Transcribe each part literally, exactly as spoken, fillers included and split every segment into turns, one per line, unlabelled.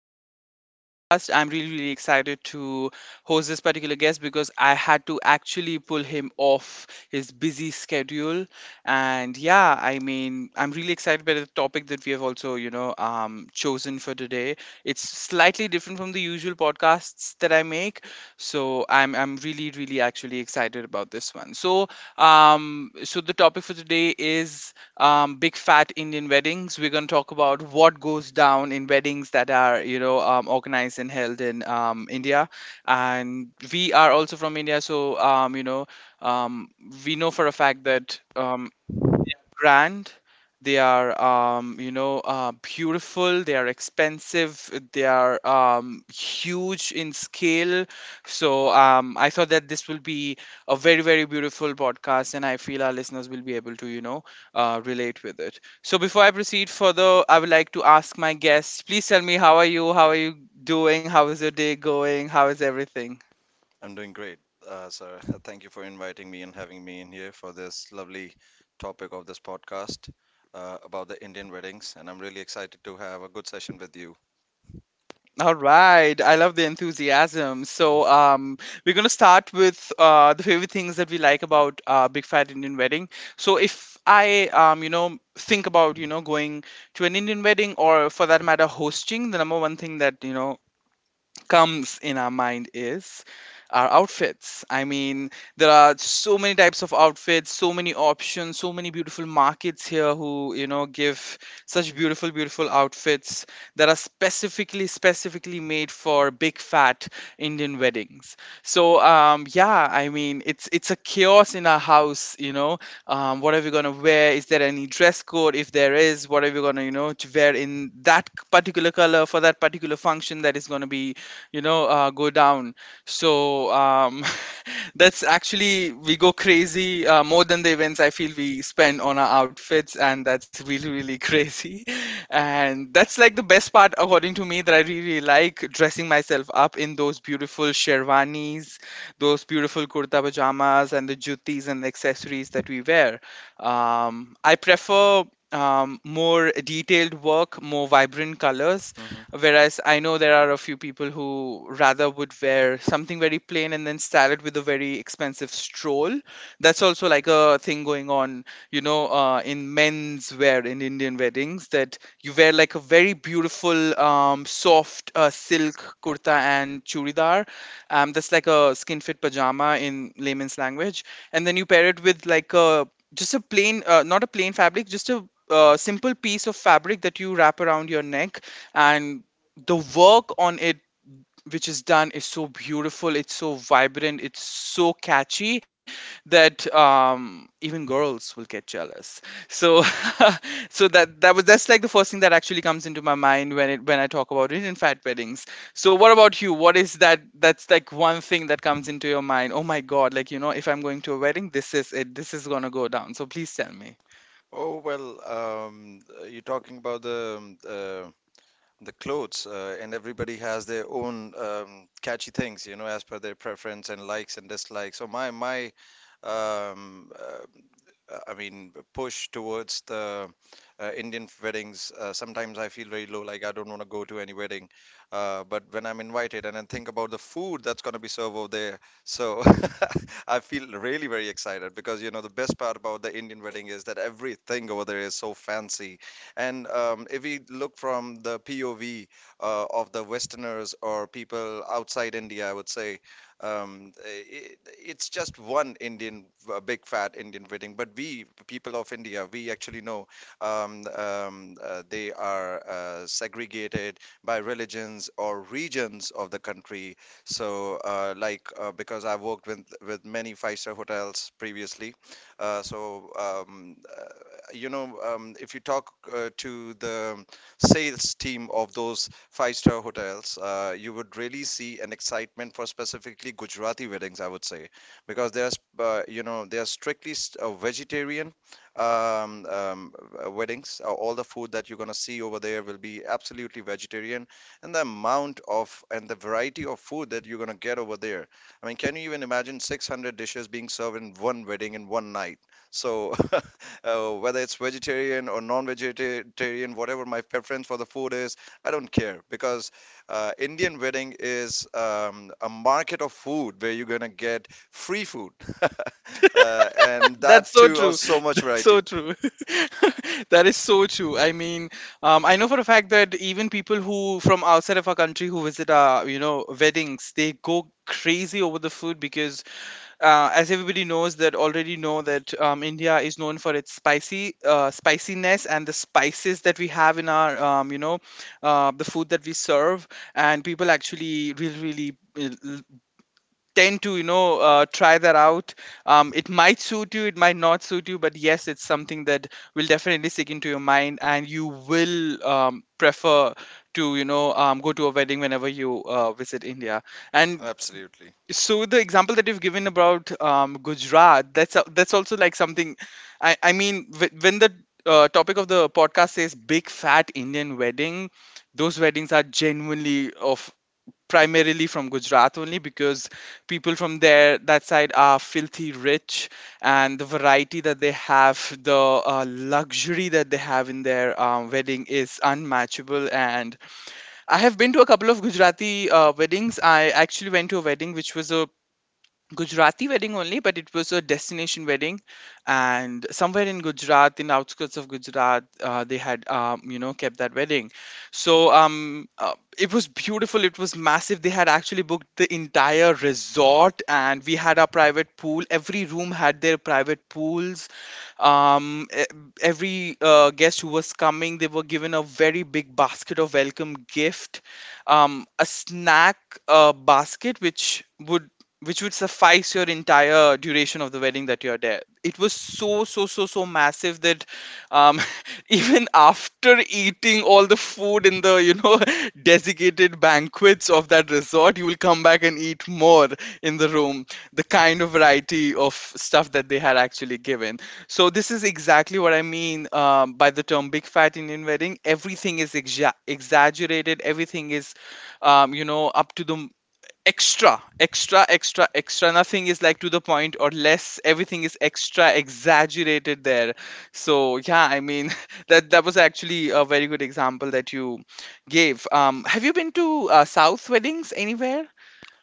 um, Podcast. I'm really, really excited to host this particular guest because I had to actually pull him off his busy schedule. And yeah, I mean, I'm really excited by the topic that we have also, you know, um, chosen for today. It's slightly different from the usual podcasts that I make, so I'm I'm really, really actually excited about this one. So, um, so the topic for today is um, big fat Indian weddings. We're going to talk about what goes down in weddings that are, you know, um, organized and held in um, India. And we are also from India, so um, you know, um, we know for a fact that um, grand they are um, you know uh, beautiful, they are expensive, they are um, huge in scale. So um, I thought that this will be a very, very beautiful podcast, and I feel our listeners will be able to you know uh, relate with it. So before I proceed further, I would like to ask my guests, please tell me, how are you? How are you doing? How is your day going? How is everything?
I'm doing great, uh, sir. Thank you for inviting me and having me in here for this lovely topic of this podcast uh, about the Indian weddings, and I'm really excited to have a good session with you.
All right, I love the enthusiasm. So, um, we're gonna start with uh, the favorite things that we like about uh, Big Fat Indian Wedding. So, if I, um, you know, think about you know going to an Indian wedding or for that matter hosting, the number one thing that you know comes in our mind is our outfits. I mean, there are so many types of outfits, so many options, so many beautiful markets here who, you know, give such beautiful, beautiful outfits that are specifically, specifically made for big fat Indian weddings. So, um, yeah, I mean, it's it's a chaos in our house, you know. Um, what are we gonna wear? Is there any dress code? If there is, what are we gonna, you know, to wear in that particular color for that particular function that is gonna be you know uh, go down. So um, that's actually we go crazy, uh, more than the events I feel we spend on our outfits, and that's really, really crazy. And that's like the best part according to me, that I really, really like dressing myself up in those beautiful sherwanis, those beautiful kurta pajamas and the juttis and accessories that we wear. um, I prefer um, more detailed work, more vibrant colors,
Hmm.
whereas I know there are a few people who rather would wear something very plain and then style it with a very expensive stroll. That's also like a thing going on, you know, uh, in men's wear in Indian weddings, that you wear like a very beautiful, um, soft uh, silk kurta and churidar. Um, that's like a skin fit pajama in layman's language. And then you pair it with like a just a plain, uh, not a plain fabric, just a uh, simple piece of fabric that you wrap around your neck, and the work on it which is done is so beautiful, it's so vibrant, it's so catchy, that um, even girls will get jealous. So so that that was, that's like the first thing that actually comes into my mind when it when I talk about Indian fat weddings. So what about you? What is that, that's like one thing that comes into your mind, oh my god, like you know, if I'm going to a wedding, this is it, this is gonna go down, so please tell me.
Oh well, um, you're talking about the um, uh, the clothes, uh, and everybody has their own um, catchy things, you know, as per their preference and likes and dislikes. So my my um, uh, uh, I mean, push towards the uh, Indian weddings. Uh, sometimes I feel very low, like I don't want to go to any wedding. Uh, but when I'm invited and I think about the food that's going to be served over there, so I feel really very excited because you know the best part about the Indian wedding is that everything over there is so fancy. And um, if we look from the P O V uh, of the Westerners or people outside India, I would say um, it, it's just one Indian, a big fat Indian wedding, but we, people of India, we actually know um, um, uh, they are uh, segregated by religions or regions of the country. So, uh, like, uh, because I worked with with many five-star hotels previously, uh, so um, uh, you know, um, if you talk uh, to the sales team of those five star hotels, uh, you would really see an excitement for specifically Gujarati weddings, I would say, because they are, sp- uh, you know, they are strictly st- uh, vegetarian um, um, uh, weddings. Uh, All the food that you're gonna see over there will be absolutely vegetarian, and the amount of and the variety of food that you're gonna get over there. I mean, can you even imagine six hundred dishes being served in one wedding in one night? So, uh, whether it's vegetarian or non-vegetarian, whatever my preference for the food is, I don't care because uh, Indian wedding is um, a market of food where you're gonna get free food, uh, and
That's
that
so
too of
true.
so much
So
variety.
true. That is so true. I mean, um, I know for a fact that even people who from outside of our country who visit our, you know, weddings, they go crazy over the food because, uh, as everybody knows, that already know that um, India is known for its spicy, uh, spiciness and the spices that we have in our, um, you know, uh, the food that we serve, and people actually really, really uh, tend to you know uh, try that out. Um, it might suit you, it might not suit you, but yes, it's something that will definitely stick into your mind, and you will um, prefer to you know um, go to a wedding whenever you uh, visit India. And
Absolutely.
so the example that you've given about um, Gujarat, that's a, that's also like something i, I mean wh- when the uh, topic of the podcast is big fat Indian wedding, those weddings are genuinely of primarily from Gujarat only because people from there that side are filthy rich, and the variety that they have, the uh, luxury that they have in their um, wedding is unmatchable. And I have been to a couple of Gujarati uh, weddings. I actually went to a wedding which was a Gujarati wedding only, but it was a destination wedding, and somewhere in Gujarat, in the outskirts of Gujarat, uh, they had um, you know kept that wedding. So um, uh, it was beautiful. It was massive. They had actually booked the entire resort, and we had our private pool. Every room had their private pools. Um, e- every uh, guest who was coming, they were given a very big basket of welcome gift, um, a snack uh, basket which would which would suffice your entire duration of the wedding that you're there. It was so, so, so, so massive that um, even after eating all the food in the, you know, designated banquets of that resort, you will come back and eat more in the room. The kind of variety of stuff that they had actually given. So, this is exactly what I mean um, by the term big fat Indian wedding. Everything is exa- exaggerated, everything is, um, you know, up to the extra, extra, extra, extra, nothing is like to the point or less, everything is extra exaggerated there. So yeah, I mean, that that was actually a very good example that you gave. Um have you been to uh, south weddings anywhere?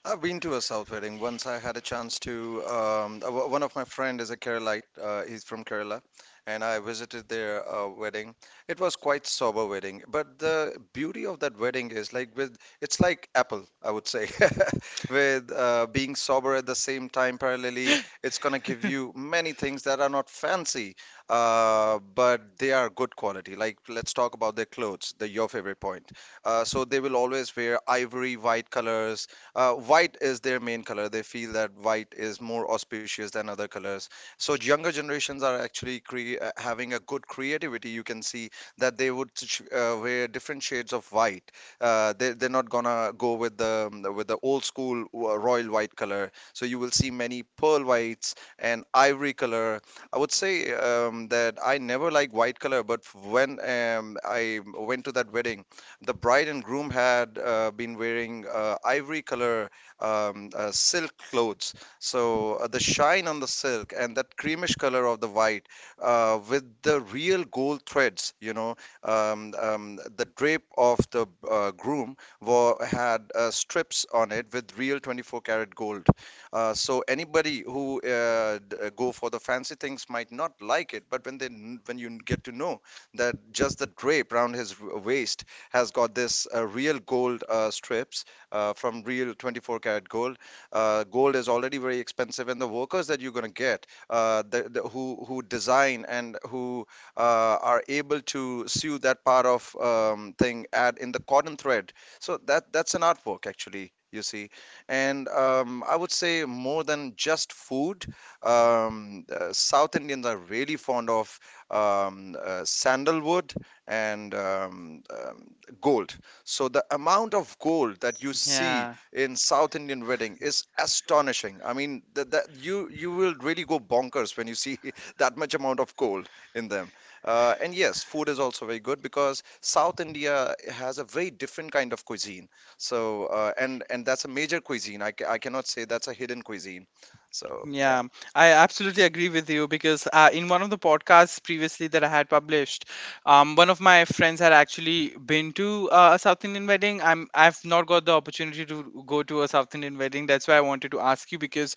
I've been to a South wedding once. I had a chance to. Um, uh, o- one of my friend is a Keralite. Uh, he's from Kerala, and I visited their uh, wedding. It was quite sober wedding, but the beauty of that wedding is like with it's like Apple, I would say, with uh, being sober at the same time parallelly. It's gonna give you many things that are not fancy, uh, but they are good quality. Like let's talk about their clothes, the your favorite point. Uh, so they will always wear ivory white colors uh, white is their main color. They feel that white is more auspicious than other colors. So younger generations are actually cre uh, having a good creativity. You can see that they would ch- uh, wear different shades of white. Uh, they, they're not gonna go with the with the old school uh, royal white color. So you will see many pearl whites and ivory color. I would say um, that I never like white color, but when um, I went to that wedding. The bride and groom had uh, been wearing uh, ivory color um, uh, silk clothes. So uh, the shine on the silk and that creamish color of the white uh, with the real gold threads, you know, um, um, the drape of the uh, groom wa had uh, strips on it with real twenty-four karat gold. Uh, so anybody who uh, d- uh, go for the fancy things might not like it, but when they kn- when you get to know that just the drape around his w- waist has got this uh, real gold uh, strips uh, from real twenty-four karat gold. Uh, gold is already very expensive, and the workers that you're going to get, uh, the, the, who who design and who uh, are able to sew that part of um, thing at in the cotton thread. So that that's an artwork actually, you see. And um, I would say more than just food. Um, uh, South Indians are really fond of um, uh, sandalwood and um, um, gold. So the amount of gold that you see
Yeah,
in South Indian wedding is astonishing. I mean, that, that you you will really go bonkers when you see that much amount of gold in them. Uh, and yes, food is also very good because South India has a very different kind of cuisine. So uh, and and that's a major cuisine. I, ca- I cannot say that's a hidden cuisine. So yeah,
yeah, I absolutely agree with you because uh, in one of the podcasts previously that I had published, um, one of my friends had actually been to uh, a South Indian wedding. I'm I've not got the opportunity to go to a South Indian wedding. That's why I wanted to ask you because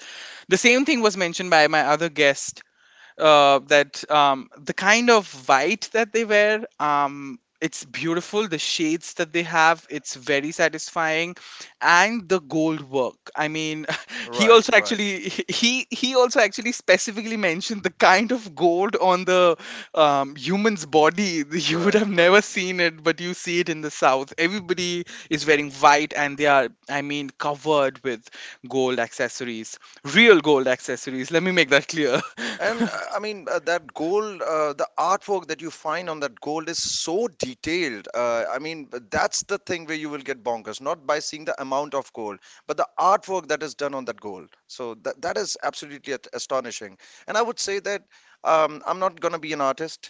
the same thing was mentioned by my other guest, uh, that um, the kind of white that they wear, um, it's beautiful, the shades that they have, it's very satisfying. And the gold work, I mean, he
right,
also
right,
actually he he also actually specifically mentioned the kind of gold on the um, human's body. You would
right,
have never
right.
seen it, but you see it in the south, everybody is wearing white, and they are, I mean, covered with gold accessories, real gold accessories, let me make that clear.
And uh, I mean, uh, that gold, uh, the artwork that you find on that gold is so detailed. Uh, I mean, but that's the thing where you will get bonkers, not by seeing the amount of gold, but the artwork that is done on that gold. So that that is absolutely at- astonishing. And I would say that um, I'm not gonna be an artist,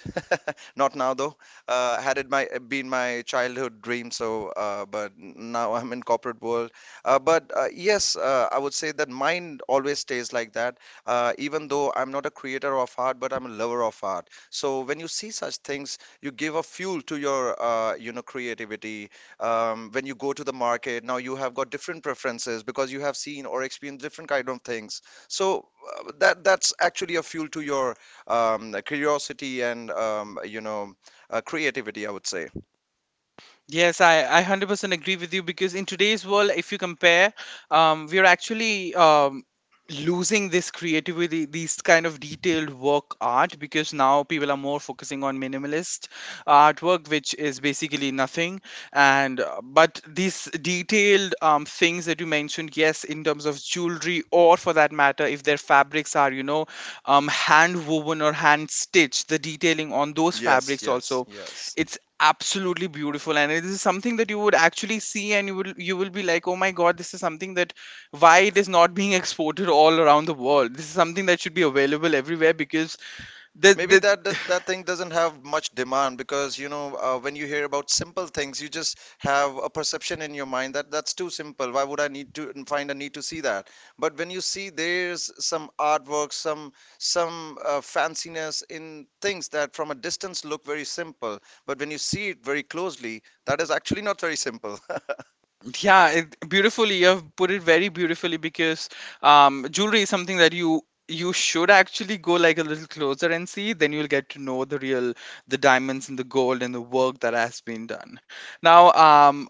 not now though. Uh, had it my been my childhood dream, so uh, but now I'm in corporate world. Uh, but uh, yes, uh, I would say that mine always stays like that uh, even though I'm not a creator of art, but I'm a lover of art. So when you see such things, you give a fuel to your, uh, you know, creativity. Um, when you go to the market, now you have got different preferences because you have seen or experienced different kind of things. So uh, that that's actually a fuel to your um, curiosity and um, you know, uh, creativity, I would say.
Yes, I, I a hundred percent agree with you because in today's world, if you compare, um, we are actually um, losing this creativity, these kind of detailed work art, because now people are more focusing on minimalist artwork, which is basically nothing. And uh, but these detailed um, things that you mentioned, yes, in terms of jewelry or for that matter, if their fabrics are, you know, um, hand woven or hand stitched, the detailing on those
Yes,
fabrics
yes,
also,
yes.
it's absolutely beautiful, and it is something that you would actually see, and you will, you will be like oh my god, this is something that why it is not being exported all around the world, this is something that should be available everywhere, because the
Maybe
the
that, that that thing doesn't have much demand because you know uh, when you hear about simple things, you just have a perception in your mind that that's too simple. Why would I need to find a need to see that? But when you see there's some artwork, some some uh, fanciness in things that from a distance look very simple, but when you see it very closely, that is actually not very simple.
yeah, it, beautifully. You've put it very beautifully because um, jewelry is something that you you should actually go like a little closer and see. Then you'll get to know the real, the diamonds and the gold and the work that has been done. Now, um,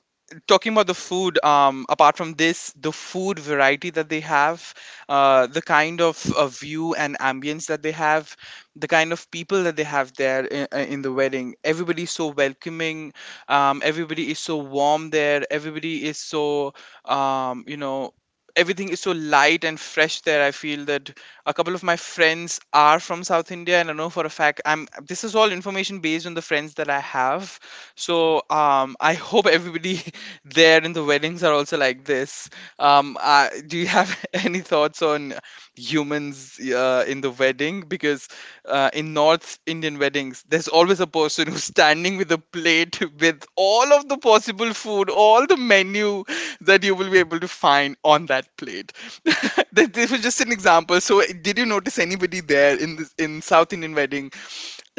talking about the food, um, apart from this, the food variety that they have, uh, the kind of uh, view and ambience that they have, the kind of people that they have there in, in the wedding. Everybody's so welcoming, um, everybody is so warm there, everybody is so um, you know everything is so light and fresh there. I feel that a couple of my friends are from South India, and I know for a fact, I'm this is all information based on the friends that I have. So um, I hope everybody there in the weddings are also like this. Um, uh, do you have any thoughts on humans uh, in the wedding? Because uh, in North Indian weddings, there's always a person who's standing with a plate with all of the possible food, all the menu that you will be able to find on that plate. That- this was just an example. So, did you notice anybody there in this, in South Indian weddings?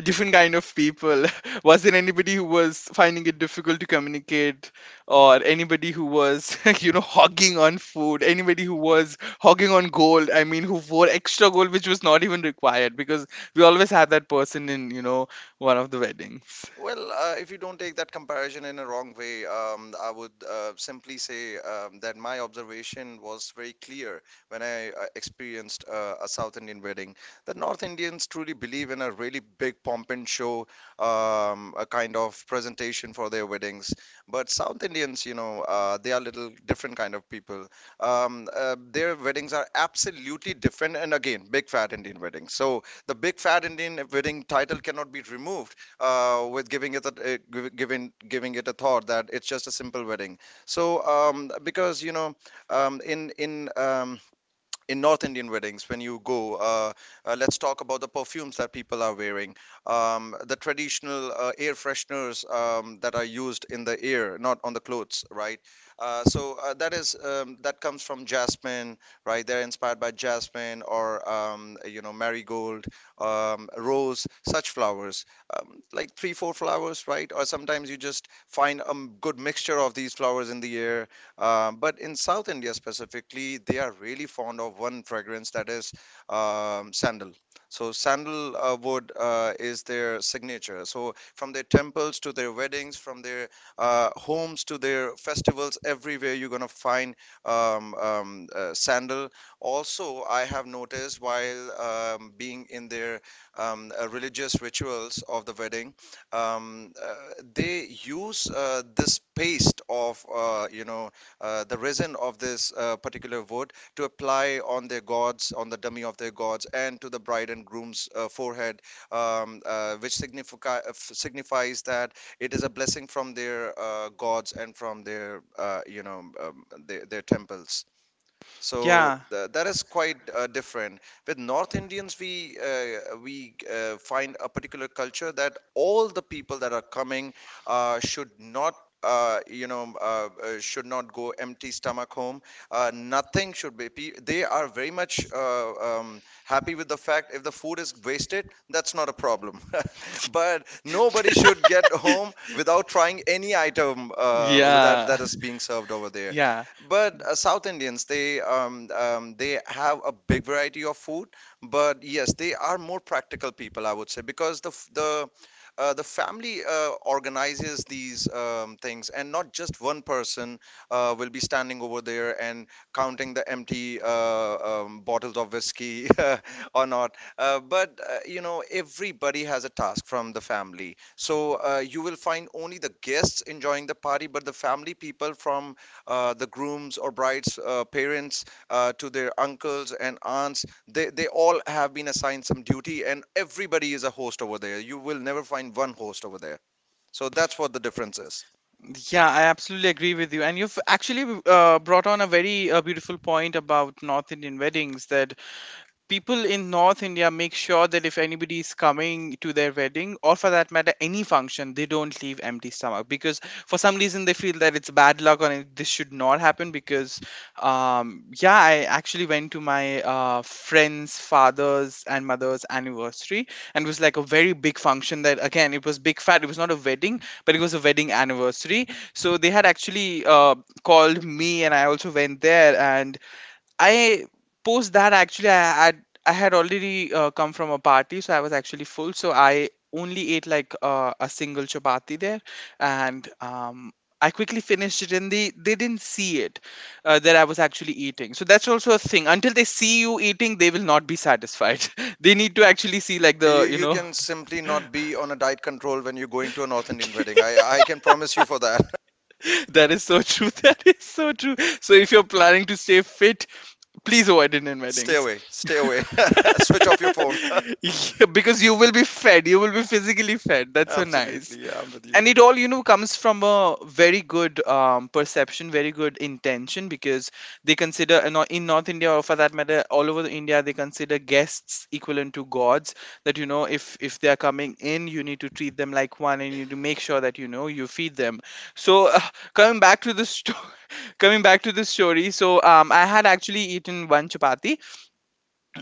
Different kind of people. Was there anybody who was finding it difficult to communicate, or anybody who was you know hogging on food, anybody who was hogging on gold? I mean, who wore extra gold which was not even required, because we always had that person in, you know one of the weddings.
Well, uh, if you don't take that comparison in a wrong way, um, I would uh, simply say um, that my observation was very clear when I uh, experienced uh, a South Indian wedding. The North Indians truly believe in a really big pomp and show, um, a kind of presentation for their weddings. But South Indians, you know, uh, they are little different kind of people. Um, uh, their weddings are absolutely different, and again, big fat Indian weddings. So the big fat Indian wedding title cannot be removed uh, with giving it a, uh, giv- giving giving it a thought that it's just a simple wedding. So um, because you know um, in in um, in North Indian weddings, when you go, uh, uh, let's talk about the perfumes that people are wearing, um, the traditional uh, air fresheners um, that are used in the air, not on the clothes, right? Uh, so uh, that is um, that comes from jasmine, right? They're inspired by jasmine or um, you know marigold, um, rose, such flowers, um, like three, four flowers, right? Or sometimes you just find a good mixture of these flowers in the air um, but in South India specifically, they are really fond of one fragrance that is um, sandal. So sandalwood uh, is their signature. So from their temples to their weddings, from their uh, homes to their festivals, everywhere you're gonna find um, um, uh, sandal. Also, I have noticed while um, being in their um, uh, religious rituals of the wedding, um, uh, they use uh, this paste of uh, you know uh, the resin of this uh, particular wood to apply on their gods, on the dummy of their gods, and to the bride and groom's uh, forehead, um, uh, which significa- signifies that it is a blessing from their uh, gods and from their, uh, you know, um, their, their temples. So
Yeah,
th that is quite uh, different. With North Indians, we uh, we uh, find a particular culture that all the people that are coming uh, should not. Uh, you know, uh, uh, should not go empty stomach home. Uh, nothing should be. pe- They are very much uh, um, happy with the fact if the food is wasted, that's not a problem. But nobody should get home without trying any item uh, that
yeah,
that is being served over there.
yeah.
But uh, South Indians, they um, um, they have a big variety of food. But yes, they are more practical people, I would say, because the f- the uh, the family uh, organizes these um, things, and not just one person uh, will be standing over there and counting the empty uh, um, bottles of whiskey or not. Uh, but uh, you know, everybody has a task from the family, so uh, you will find only the guests enjoying the party, but the family people from uh, the groom's or bride's uh, parents uh, to their uncles and aunts. They, they all have been assigned some duty, and everybody is a host over there. You will never find one host over there. So that's what the difference is.
Yeah, I absolutely agree with you, and you've actually uh, brought on a very uh, beautiful point about North Indian weddings, that people in North India make sure that if anybody is coming to their wedding, or for that matter any function, they don't leave empty stomach, because for some reason they feel that it's bad luck, or it- this should not happen. Because um, yeah, I actually went to my uh, friend's father's and mother's anniversary, and it was like a very big function. That again, it was big fat, it was not a wedding, but it was a wedding anniversary. So they had actually uh, called me, and I also went there. And I, post that, actually, I had I had already uh, come from a party, so I was actually full. So I only ate like uh, a single chapati there, and um, I quickly finished it, and they they didn't see it, uh, that I was actually eating. So that's also a thing. Until they see you eating, they will not be satisfied. They need to actually see, like,
You,
the you
you
know.
can simply not be on a diet control when you're going to a North Indian wedding. I, I can promise you for that.
That is so true. That is so true. So if you're planning to stay fit, please avoid Indian
Stay
weddings.
away, stay away. Switch off your phone.
Yeah, because you will be fed, you will be physically fed. That's so nice.
Absolutely, yeah, I'm with you.
And it all, you know comes from a very good um, perception, very good intention, because they consider, in Nor- in North India, or for that matter all over the India, they consider guests equivalent to gods. That you know if if they are coming in, you need to treat them like one, and you need to make sure that you know you feed them. So uh, coming back to the story, coming back to the story. So um, I had actually eaten one chapati,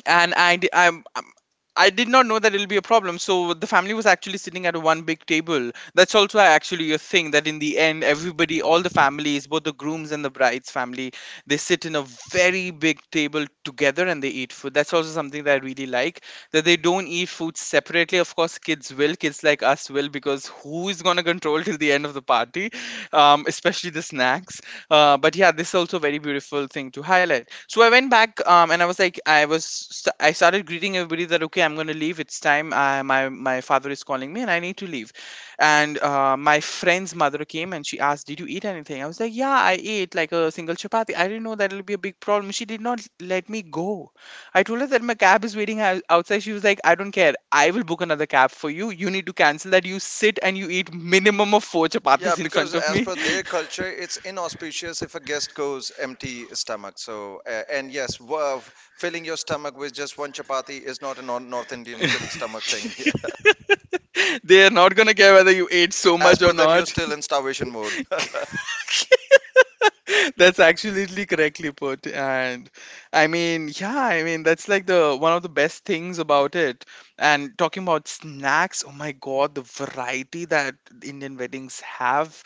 and I di- I'm. I'm- I did not know that it'll be a problem. So the family was actually sitting at one big table. That's also uh, actually a thing, that in the end, everybody, all the families, both the groom's and the bride's family, they sit in a very big table together and they eat food. That's also something that I really like, that they don't eat food separately. Of course, kids will, kids like us will, because who is gonna control till the end of the party, um, especially the snacks. Uh, but yeah, this is also a very beautiful thing to highlight. So I went back, um, and I was like, I was st- I started greeting everybody that, okay, I'm going to leave, it's time, uh, my my father is calling me and I need to leave. And uh, my friend's mother came and she asked, did you eat anything? I was like, yeah, I ate like a single chapati, I didn't know that it'll be a big problem. She did not let me go. I told her that my cab is waiting ou- outside. She was like, I don't care, I will book another cab for you, you need to cancel that, you sit and you eat minimum of four
Yeah,
chapatis in
because
front of
as
me.
per their culture, it's inauspicious if a guest goes empty stomach. So, uh, and yes, wo- filling your stomach with just one chapati is not a non North Indian filling stomach thing. Yeah.
They are not gonna care whether you ate so
As
much
per
or
them, you're
not.
still in starvation mode.
That's absolutely correctly put. And I mean, yeah, I mean, that's like the one of the best things about it. And talking about snacks, oh my God, the variety that Indian weddings have,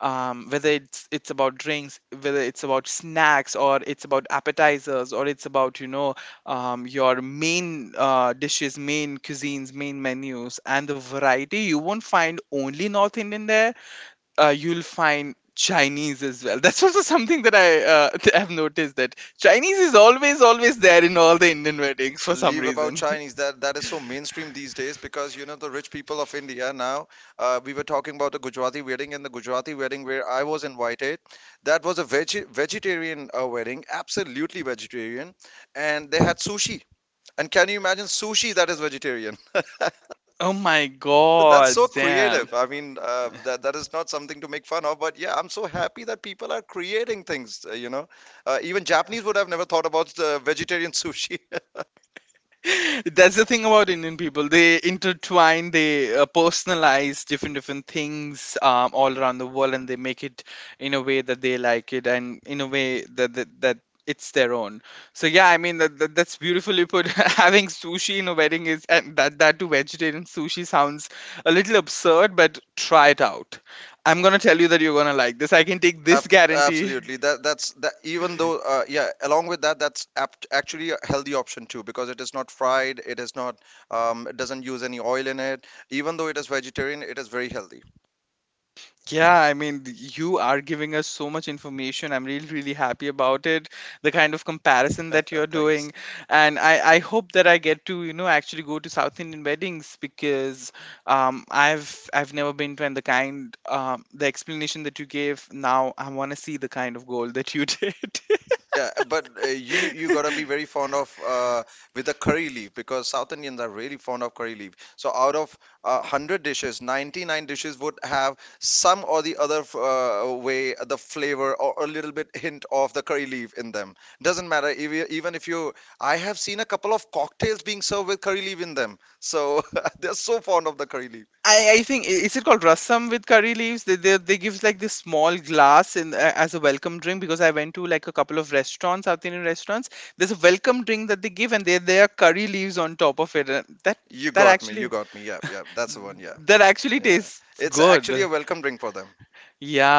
um, whether it's it's about drinks, whether it's about snacks, or it's about appetizers, or it's about, you know, um, your main uh, dishes, main cuisines, main menus. And the variety, you won't find only North Indian there, uh, you'll find Chinese as well. That's also something that I uh, have noticed, that Chinese is always always there in all the Indian weddings for some
Leave about
reason.
Chinese. That that is so mainstream these days because you know the rich people of India now. Uh, we were talking about the Gujarati wedding and the Gujarati wedding where I was invited. That was a veg vegetarian uh, wedding, absolutely vegetarian, and they had sushi. And can you imagine sushi that is vegetarian?
Oh my
That's
god,
so
damn.
creative. I mean, uh, that that is not something to make fun of, but yeah, I'm so happy that people are creating things. Uh, you know, uh, even Japanese would have never thought about the vegetarian sushi.
That's the thing about Indian people. They intertwine, they uh, personalize different different things um, all around the world, and they make it in a way that they like it, and in a way that that, that it's their own. So yeah, I mean that, that that's beautifully put. Having sushi in a wedding is, and that, that to vegetarian sushi, sounds a little absurd, but try it out. I'm gonna tell you that you're gonna like this. I can take this
Ab-
guarantee.
Absolutely. That that's that. Even though, uh, yeah, along with that, that's apt actually a healthy option too because it is not fried. It is not. Um, it doesn't use any oil in it. Even though it is vegetarian, it is very healthy.
Yeah, I mean, th- you are giving us so much information. I'm really, really happy about it. The kind of comparison that you're
Thanks.
doing. And I, I hope that I get to, you know, actually go to South Indian weddings, because um, I've I've never been to, and the kind, um, the explanation that you gave now, I want to see the kind of gold that you did.
Yeah, uh, but uh, you you gotta be very fond of uh, with the curry leaf because South Indians are really fond of curry leaf. So out of uh, one hundred dishes, ninety-nine dishes would have some or the other f- uh, way the flavor or a little bit hint of the curry leaf in them. Doesn't matter if you, even if you. I have seen a couple of cocktails being served with curry leaf in them. So they're so fond of the curry leaf.
I, I think i- is it called rasam with curry leaves? They, they, they gives like this small glass in uh, as a welcome drink, because I went to like a couple of restaurants, South Indian restaurants. There's a welcome drink that they give, and there there are curry leaves on top of it. And that,
You
that
got me. You
actually,
got me. Yeah, yeah. That's the one. Yeah,
that actually
yeah.
tastes
It's actually
good.
a welcome drink for them.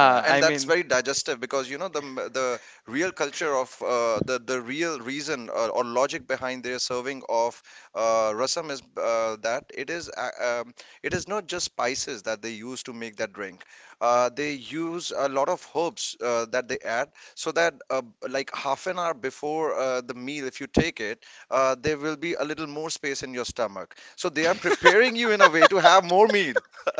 Yeah, and
I
that's
mean.
very digestive because you know the m- the real culture of uh, the the real reason or, or logic behind their serving of uh, rasam is uh, that it is uh, um, it is not just spices that they use to make that drink. Uh, they use a lot of herbs uh, that they add so that uh, like half an hour before uh, the meal, if you take it, uh, there will be a little more space in your stomach. So they are preparing you in a way to have more meal.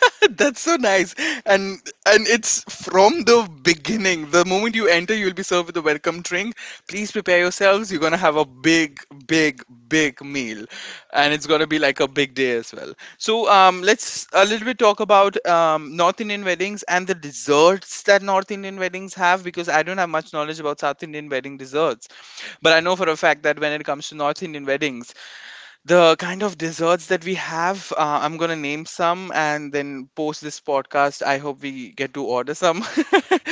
That's so nice. And and it's from the beginning. The moment you enter, you'll be served with a welcome drink. Please prepare yourselves. You're gonna have a big, big, big meal. And it's gonna be like a big day as well. So um, let's a little bit talk about um, North Indian weddings and the desserts that North Indian weddings have, because I don't have much knowledge about South Indian wedding desserts. But I know for a fact that when it comes to North Indian weddings, the kind of desserts that we have, uh, I'm going to name some, and then post this podcast I hope we get to order some.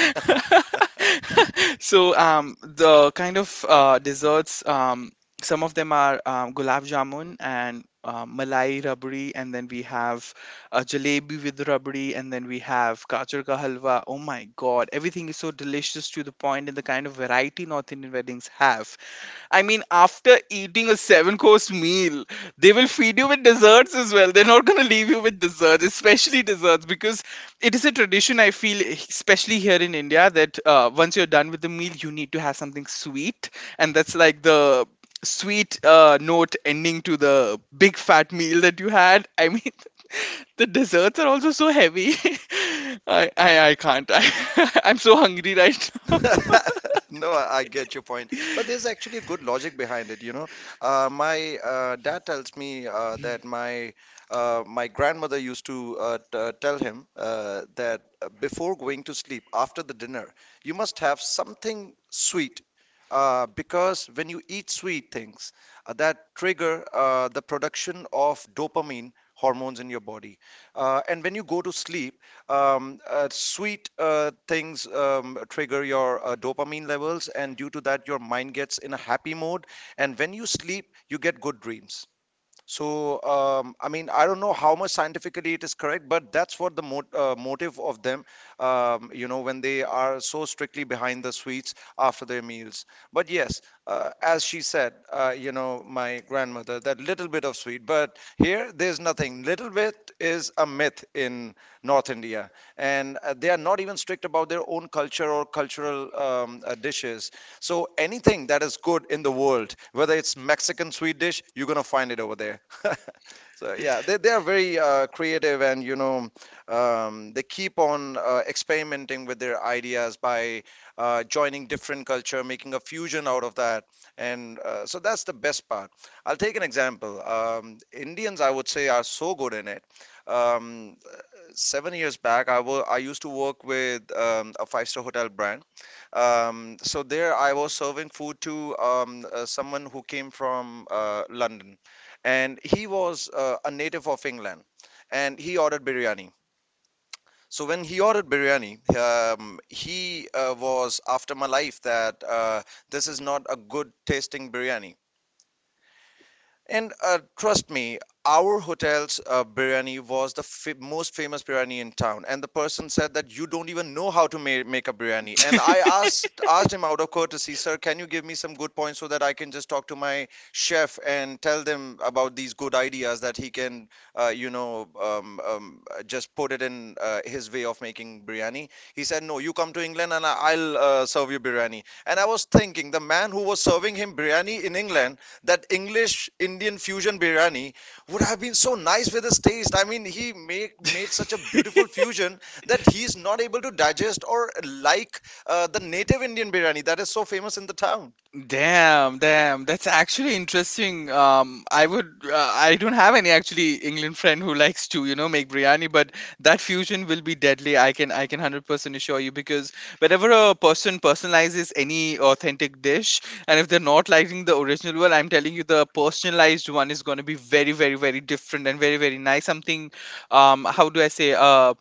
So um, the kind of uh, desserts, um, some of them are, um, gulab jamun and um, malai rabri, and then we have uh, jalebi with rabri, and then we have gajar ka halwa. Oh my god, everything is so delicious, to the point. And the kind of variety North Indian weddings have, I mean, after eating a seven course meal, they will feed you with desserts as well. They're not going to leave you with desserts, especially desserts, because it is a tradition I feel, especially here in India, that uh, once you're done with the meal, you need to have something sweet. And that's like the sweet uh, note ending to the big fat meal that you had. I mean, the desserts are also so heavy. I, I, I can't. I, I'm so hungry right
No, I I get your point, but there's actually a good logic behind it. You know, uh, my uh, dad tells me uh, that my uh, my grandmother used to uh, t- uh, tell him uh, that uh, before going to sleep, after the dinner, you must have something sweet. Uh, because when you eat sweet things, uh, that trigger uh, the production of dopamine hormones in your body. Uh, and when you go to sleep, um, uh, sweet uh, things um, trigger your uh, dopamine levels, and due to that, your mind gets in a happy mode. And when you sleep, you get good dreams. So, um, I mean, I don't know how much scientifically it is correct, but that's what the mot uh, motive of them, um, you know, when they are so strictly behind the sweets after their meals. But yes, uh, as she said, uh, you know, my grandmother, that little bit of sweet. But here, there's nothing. Little bit is a myth in North India, and uh, they are not even strict about their own culture or cultural um, uh, dishes. So anything that is good in the world, whether it's Mexican sweet dish, you're gonna find it over there. So yeah, they they are very uh, creative, and you know um, they keep on uh, experimenting with their ideas by uh, joining different culture, making a fusion out of that. And uh, so that's the best part. I'll take an example. Um, Indians, I would say, are so good in it. Um, Seven years back, I wa- I used to work with um, a five-star hotel brand, um, so there I was serving food to um, uh, someone who came from uh, London, and he was uh, a native of England, and he ordered biryani. So when he ordered biryani, um, he uh, was after my life that uh, this is not a good tasting biryani. And uh, trust me, our hotel's uh, biryani was the f- most famous biryani in town. And the person said that you don't even know how to ma- make a biryani. And I
now.
asked asked him out of courtesy, sir, can you give me some good points so that I can just talk to my chef and tell them about these good ideas that he can, uh, you know, um, um, uh, just put it in uh, his way of making biryani. He said, no, you come to England and I- I'll uh, serve you biryani. And I was thinking, the man who was serving him biryani in England, that English Indian fusion biryani would have been so nice with his taste. I mean, he make, made such a beautiful fusion that he's not able to digest or like uh, the native Indian biryani that is so famous in the town.
Damn, damn. That's actually interesting. Um, I would, uh, I don't have any actually England friend who likes to, you know, make biryani, but that fusion will be deadly. I can, I can one hundred percent assure you, because whenever a person personalizes any authentic dish, and if they're not liking the original one, I'm telling you the personalized one is going to be very, very, very different, and very, very nice. Something, um, how do I say, uh,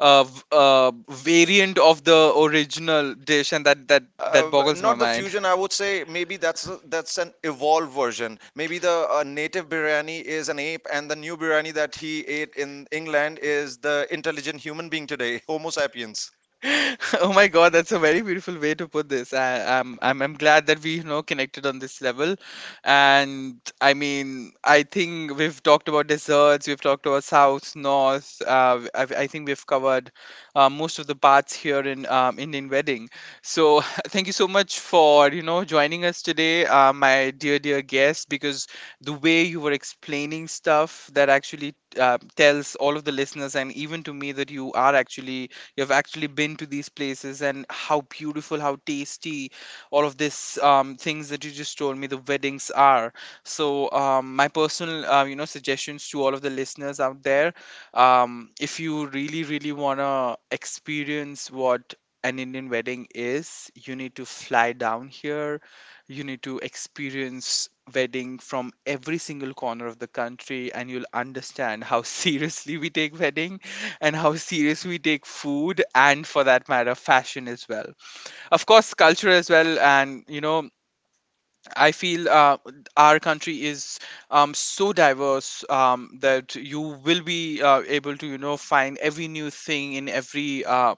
uh, v- uh, variant of the original dish, and that that that
Uh,
boggles my
not the
mind.
fusion, I would say. Maybe that's that's an evolved version. Maybe the uh, native biryani is an ape, and the new biryani that he ate in England is the intelligent human being today, Homo sapiens.
Oh my God, that's a very beautiful way to put this. I, I'm, I'm I'm glad that we, you know connected on this level. And I mean, I think we've talked about desserts, we've talked about south, north. Uh, I, I think we've covered uh, most of the parts here in um, Indian wedding. So thank you so much for you know joining us today, uh, my dear dear guest, because the way you were explaining stuff, that actually uh, tells all of the listeners and even to me that you are actually, you've actually been to these places, and how beautiful, how tasty all of this um, things that you just told me the weddings are. So um, my personal uh, you know suggestions to all of the listeners out there, um, if you really really want to experience what an Indian wedding is, you need to fly down here. You need to experience wedding from every single corner of the country, and you'll understand how seriously we take wedding, and how serious we take food, and for that matter fashion as well, of course culture as well. And you know I feel uh, our country is um, so diverse um, that you will be uh, able to, you know, find every new thing in every uh,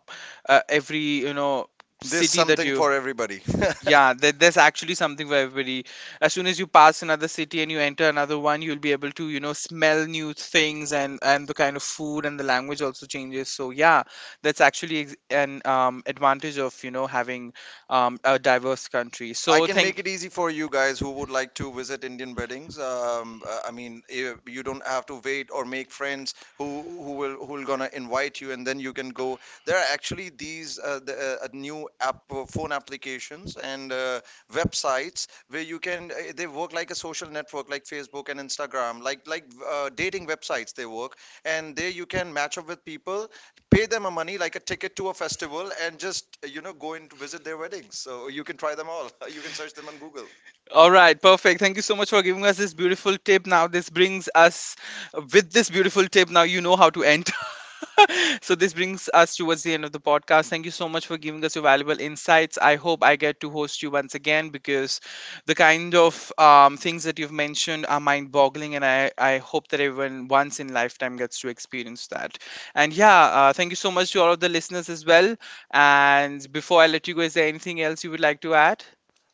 uh, every, you know
There's
city that
something
you.
for everybody.
Yeah, there, there's actually something for everybody. As soon as you pass another city and you enter another one, you'll be able to, you know, smell new things, and and the kind of food and the language also changes. So yeah, that's actually ex- an um, advantage of, you know having um, a diverse country.
I
So
can
thank.
make it easy for you guys who would like to visit Indian weddings. Um, uh, I mean, eh, you don't have to wait or make friends who who will who will gonna invite you, and then you can go. There are actually these uh, the, uh, new app uh, phone applications and uh, websites where you can. eh, They work like a social network, like Facebook and Instagram, like like uh, dating websites. They work, and there you can match up with people, pay them a money like a ticket to a festival, and just you know go and visit their weddings so you can try them all. You can search them on Google.
All right, perfect. Thank you so much for giving us this beautiful tip. Now, this brings us, with this beautiful tip. Now, you know how to enter. So, this brings us towards the end of the podcast. Thank you so much for giving us your valuable insights. I hope I get to host you once again, because the kind of um, things that you've mentioned are mind boggling, and I, I hope that everyone once in lifetime gets to experience that. And yeah, uh, thank you so much to all of the listeners as well. And before I let you go, is there anything else you would like to add?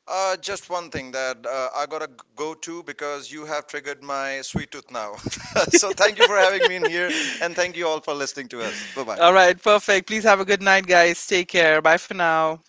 uh, Just one thing, that uh, I gotta go to because you have triggered my sweet tooth now. So thank you for having me in here, and thank you all for listening to us. Bye bye.
All right, perfect. Please have a good night, guys. Take care. Bye for now.